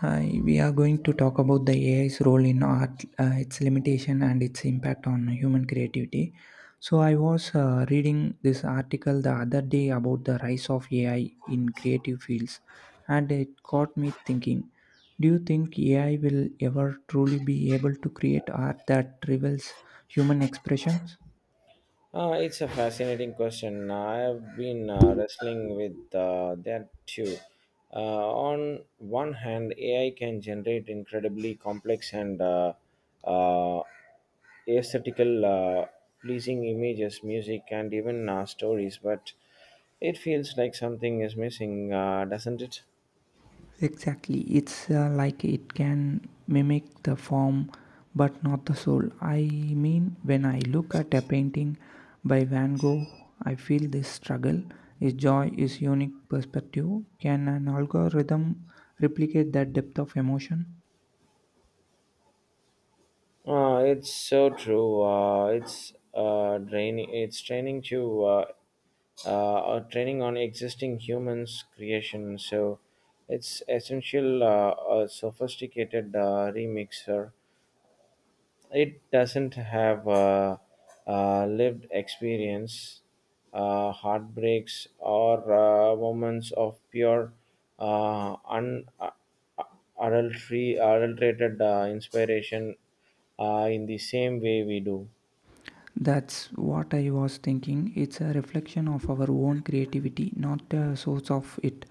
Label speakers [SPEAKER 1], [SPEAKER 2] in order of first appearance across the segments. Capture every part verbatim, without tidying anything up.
[SPEAKER 1] Hi, we are going to talk about the A I's role in art, uh, its limitation, and its impact on human creativity. So, I was uh, reading this article the other day about the rise of A I in creative fields, and it got me thinking, do you think A I will ever truly be able to create art that rivals human expressions?
[SPEAKER 2] Uh, it's a fascinating question. I have been uh, wrestling with uh, that too. Uh, on one hand, A I can generate incredibly complex and uh, uh, aesthetical, uh, pleasing images, music, and even uh, stories, but it feels like something is missing, uh, doesn't it?
[SPEAKER 1] Exactly. It's uh, like it can mimic the form but not the soul. I mean, when I look at a painting by Van Gogh, I feel this struggle, his joy, his unique perspective. Can an algorithm replicate that depth of emotion?
[SPEAKER 2] Uh, it's so true. Uh, it's uh, draining. It's training to uh, uh, uh, Training on existing humans creation. So it's essential, uh, a sophisticated uh, remixer. It doesn't have uh, uh, lived experience, uh, heartbreaks, or uh, moments of pure uh, un- uh, adultery, adulterated uh, inspiration uh, in the same way we do.
[SPEAKER 1] That's what I was thinking. It's a reflection of our own creativity, not a source of it.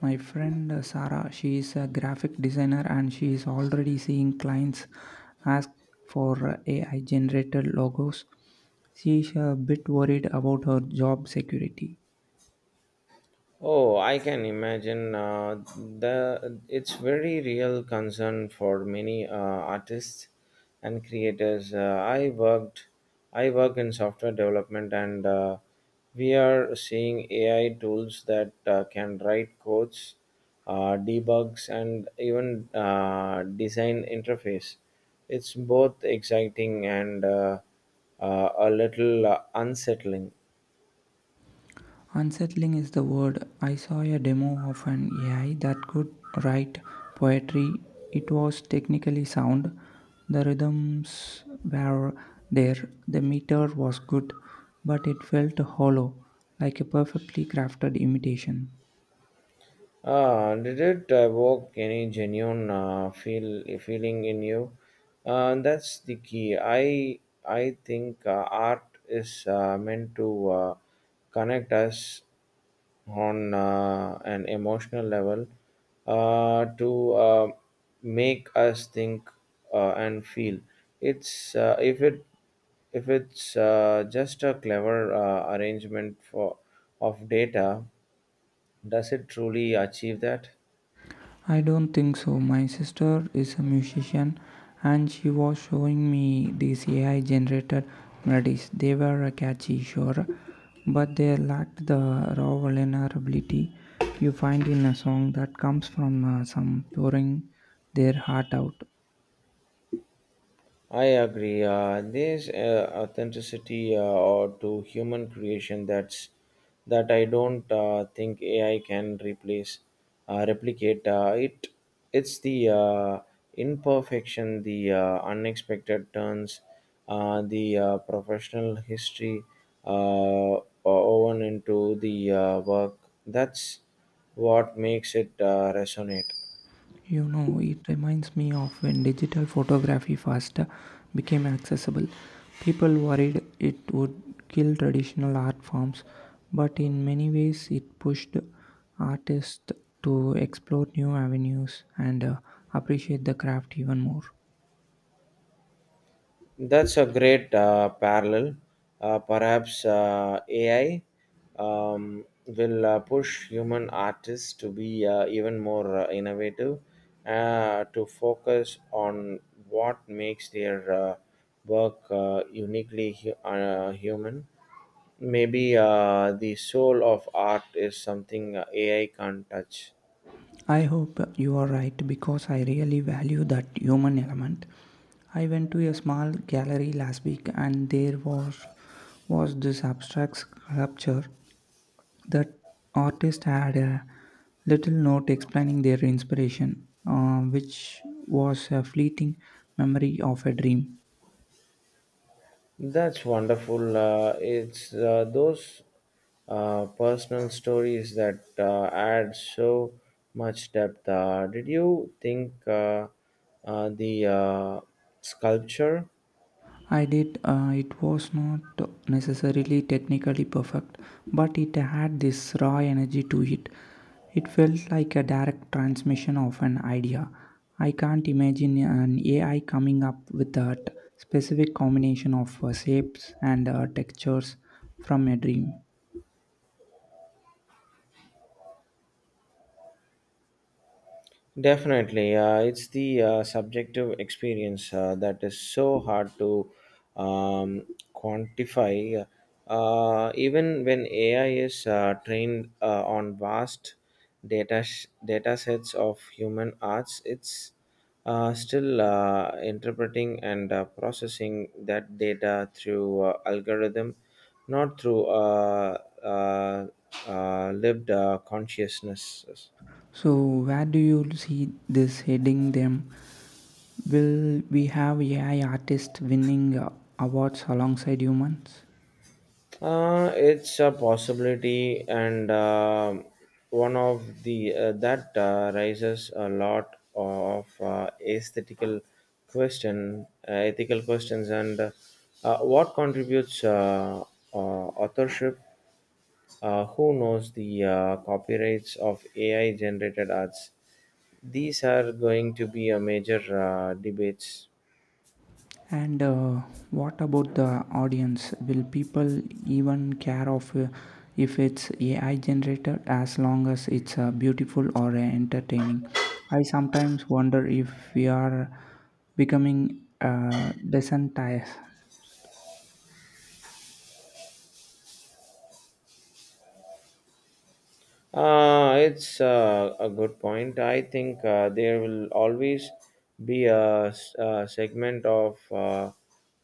[SPEAKER 1] My friend uh, Sarah, she is a graphic designer and she is already seeing clients ask for uh, A I generated logos. She is a bit worried about her job security.
[SPEAKER 2] Oh, I can imagine. Uh, the it's very real concern for many uh, artists and creators. Uh, I worked, I work in software development, and uh, we are seeing A I tools that uh, can write codes, uh, debugs, and even uh, design interface. It's both exciting and uh, uh, a little uh, unsettling.
[SPEAKER 1] Unsettling is the word. I saw a demo of an A I that could write poetry. It was technically sound. The rhythms were there. The meter was good, but it felt hollow, like a perfectly crafted imitation.
[SPEAKER 2] Ah, did it evoke any genuine uh, feel feeling in you? Uh, that's the key. I I think uh, art is uh, meant to uh, connect us on uh, an emotional level, uh, to uh, make us think uh, and feel. It's uh, if it if it's uh, just a clever uh, arrangement for of data, does it truly achieve that?
[SPEAKER 1] I don't think so. My sister is a musician and she was showing me these A I generated melodies. They were uh, catchy, sure, but they lacked the raw vulnerability you find in a song that comes from uh, some pouring their heart out.
[SPEAKER 2] I agree. Uh, there's uh, authenticity uh, or to human creation that's that I don't uh, think A I can replace, uh, replicate. Uh, it it's the uh, imperfection, the uh, unexpected turns, uh, the uh, professional history uh, woven into the uh, work. That's what makes it uh, resonate.
[SPEAKER 1] You know, it reminds me of when digital photography first became accessible. People worried it would kill traditional art forms, but in many ways, it pushed artists to explore new avenues and uh, appreciate the craft even more.
[SPEAKER 2] That's a great uh, parallel. Uh, perhaps uh, A I um, will uh, push human artists to be uh, even more uh, innovative, uh, to focus on what makes their uh, work uh, uniquely hu- uh, human. Maybe uh, the soul of art is something uh, A I can't touch.
[SPEAKER 1] I hope you are right because I really value that human element. I went to a small gallery last week and there was was this abstract sculpture that artist had a little note explaining their inspiration, uh, which was a fleeting memory of a dream.
[SPEAKER 2] That's wonderful. Uh, it's uh, those uh, personal stories that uh, add so much depth. Uh, did you think uh, uh, the uh, sculpture?
[SPEAKER 1] I did, uh, it was not necessarily technically perfect, but it had this raw energy to it. It felt like a direct transmission of an idea. I can't imagine an A I coming up with that specific combination of uh, shapes and uh, textures from a dream.
[SPEAKER 2] Definitely, uh, it's the uh, subjective experience uh, that is so hard to um, quantify. Uh, even when A I is uh, trained uh, on vast data sh- data sets of human arts, it's uh, still uh, interpreting and uh, processing that data through uh, algorithm, not through uh, uh, uh, lived uh, consciousness.
[SPEAKER 1] So where do you see this heading them? Will we have A I artists winning uh, awards alongside humans?
[SPEAKER 2] Uh, it's a possibility, and um one of the uh, that uh, raises a lot of uh, aesthetical question, uh, ethical questions, and uh, uh, what contributes uh, uh, authorship? Uh, who knows the uh, copyrights of A I generated arts? These are going to be a major uh, debates.
[SPEAKER 1] And uh, what about the audience? Will people even care of uh, if it's A I generated as long as it's uh, beautiful or uh, entertaining? I sometimes wonder if we are becoming uh, desensitized.
[SPEAKER 2] Uh, it's uh, a good point. I think uh, there will always be a, s- a segment of uh,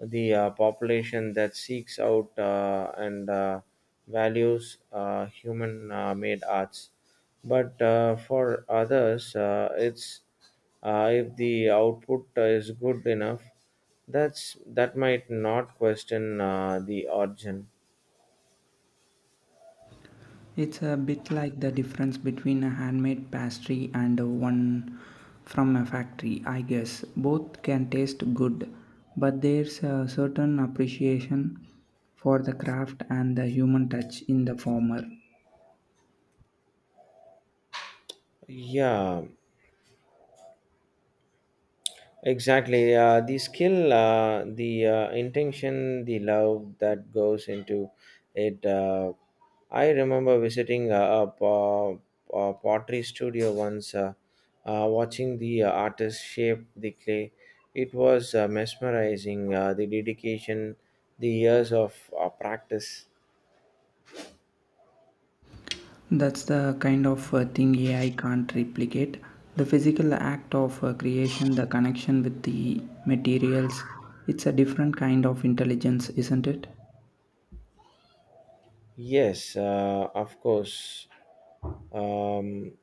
[SPEAKER 2] the uh, population that seeks out uh, and uh, values uh, human uh, made arts. But uh, for others, uh, it's uh, if the output is good enough, that's that might not question uh, the origin.
[SPEAKER 1] It's a bit like the difference between a handmade pastry and one from a factory, I guess. Both can taste good, but there's a certain appreciation for the craft and the human touch in the former.
[SPEAKER 2] Yeah, exactly. Uh, the skill, uh, the uh, intention, the love that goes into it. Uh, I remember visiting a, a, po- a pottery studio once, uh, uh, watching the uh, artist shape the clay. It was uh, mesmerizing, uh, the dedication, the years of uh, practice.
[SPEAKER 1] That's the kind of uh, thing A I can't replicate. The physical act of uh, creation, the connection with the materials, it's a different kind of intelligence, isn't it?
[SPEAKER 2] Yes, uh, of course. Um,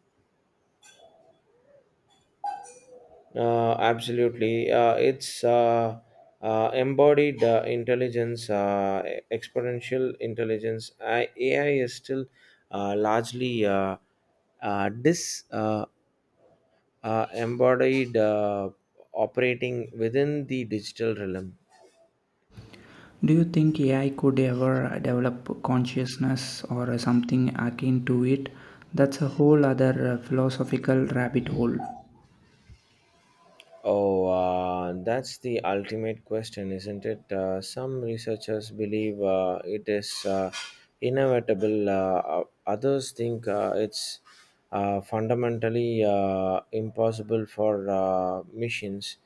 [SPEAKER 2] Uh, absolutely. Uh, it's uh, uh, Embodied uh, intelligence, uh, e- exponential intelligence. I, A I is still uh, largely uh, uh, dis uh, uh, embodied, uh, operating within the digital realm.
[SPEAKER 1] Do you think A I could ever develop consciousness or something akin to it? That's a whole other uh, philosophical rabbit hole.
[SPEAKER 2] Oh, uh, that's the ultimate question, isn't it? Uh, some researchers believe uh, it is uh, inevitable, uh, others think uh, it's uh, fundamentally uh, impossible for uh, machines.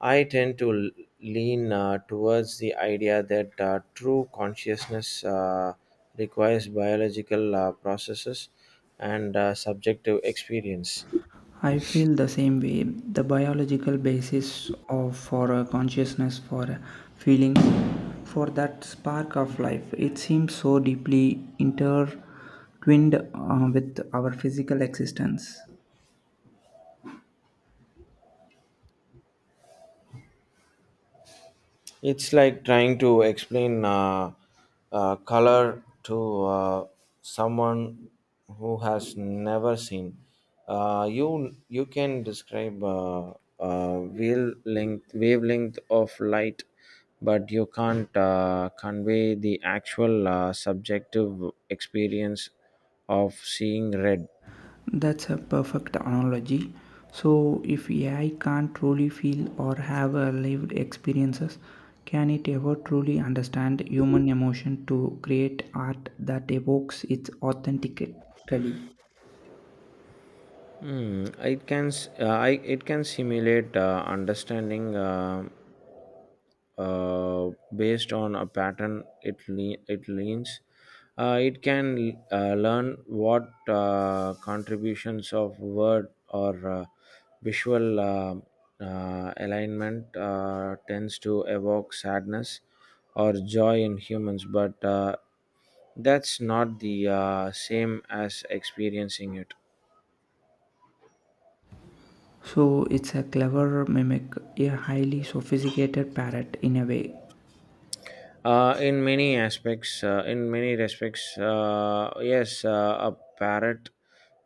[SPEAKER 2] I tend to l- lean uh, towards the idea that uh, true consciousness uh, requires biological uh, processes and uh, subjective experience.
[SPEAKER 1] I feel the same way. The biological basis of for a consciousness, for a feeling, for that spark of life, it seems so deeply intertwined uh, with our physical existence.
[SPEAKER 2] It's like trying to explain uh, uh, color to uh, someone who has never seen. Uh, you you can describe uh, uh, wavelength wavelength of light, but you can't uh, convey the actual uh, subjective experience of seeing red.
[SPEAKER 1] That's a perfect analogy. So, if A I can't truly feel or have a lived experiences, can it ever truly understand human emotion to create art that evokes its authentically?
[SPEAKER 2] Hmm, it can s- uh, I, it can simulate uh, understanding. Uh, uh, based on a pattern it le- it leans. Uh, it can uh, learn what uh, contributions of word or uh, visual uh, uh, alignment uh, tends to evoke sadness or joy in humans, but uh, that's not the uh, same as experiencing it.
[SPEAKER 1] So, it's a clever mimic, a highly sophisticated parrot in a way.
[SPEAKER 2] Uh, in many aspects, uh, in many respects, uh, yes, uh, a parrot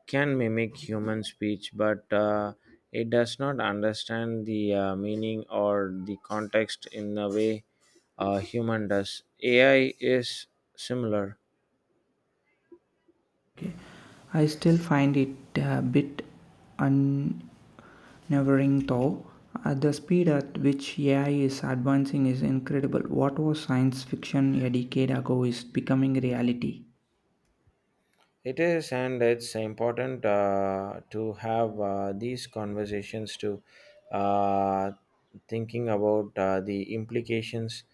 [SPEAKER 2] can mimic human speech, but uh, it does not understand the uh, meaning or the context in a way a human does. A I is similar.
[SPEAKER 1] Okay. I still find it a bit unnerving though. At the speed at which A I is advancing is incredible. What was science fiction a decade ago is becoming reality.
[SPEAKER 2] It is, and it's important uh, to have uh, these conversations to uh, thinking about uh, the implications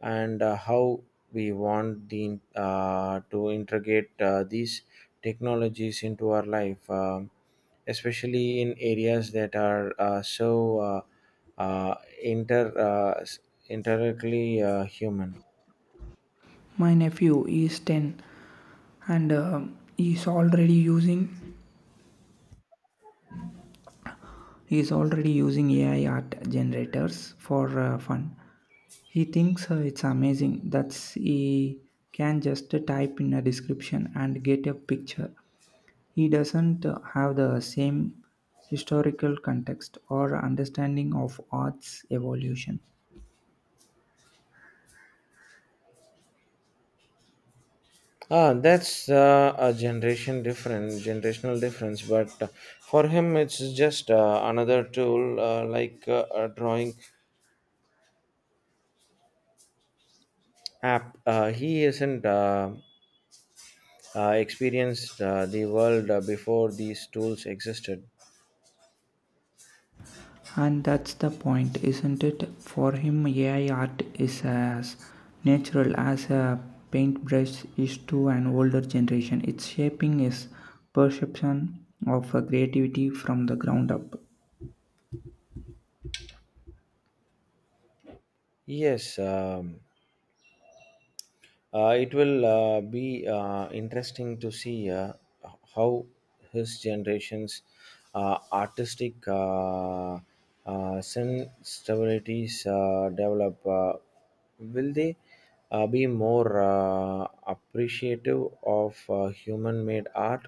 [SPEAKER 2] and uh, how we want the uh, to integrate uh, these technologies into our life, um, especially in areas that are uh, so uh, uh, inter uh, s- inherently uh, human.
[SPEAKER 1] My nephew is ten and um, he's already using he's already using A I art generators for uh, fun. He thinks uh, it's amazing that he can just type in a description and get a picture. He doesn't have the same historical context or understanding of art's evolution.
[SPEAKER 2] Ah, that's uh, a generation difference, generational difference. But uh, for him, it's just uh, another tool uh, like uh, a drawing app. Uh, he isn't uh, uh, experienced uh, the world uh, before these tools existed.
[SPEAKER 1] And that's the point, isn't it? For him, A I art is as natural as a paintbrush is to an older generation. It's shaping his perception of uh, creativity from the ground up.
[SPEAKER 2] Yes. Um, Uh, it will uh, be uh, interesting to see uh, how his generation's uh, artistic uh, uh, sensibilities uh, develop. Uh, will they uh, be more uh, appreciative of uh, human-made art,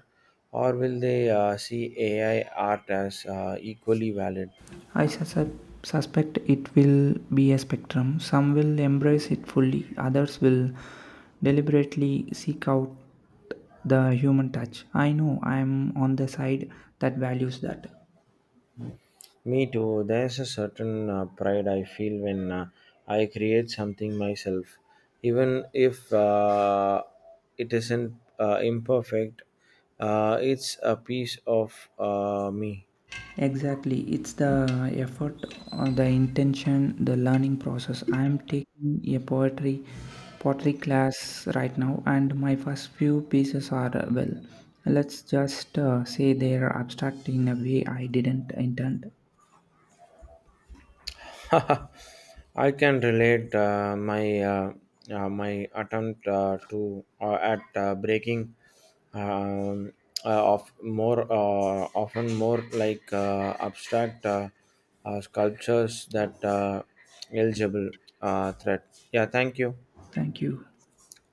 [SPEAKER 2] or will they uh, see A I art as uh, equally valid?
[SPEAKER 1] I sus- suspect it will be a spectrum. Some will embrace it fully, others will deliberately seek out the human touch. I know I am on the side that values that.
[SPEAKER 2] Me too. There's a certain uh, pride I feel when uh, I create something myself, even if uh, it isn't uh, imperfect. Uh, it's a piece of uh, me.
[SPEAKER 1] Exactly, it's the effort, uh, the intention, the learning process. I am taking a poetry pottery class right now, and my first few pieces are uh, well. Let's just uh, say they are abstract in a way I didn't intend.
[SPEAKER 2] I can relate. Uh, my uh, uh, my attempt uh, to uh, at uh, breaking um, uh, of more uh, often more like uh, abstract uh, uh, sculptures that uh, eligible uh, threat. Yeah, thank you.
[SPEAKER 1] Thank you.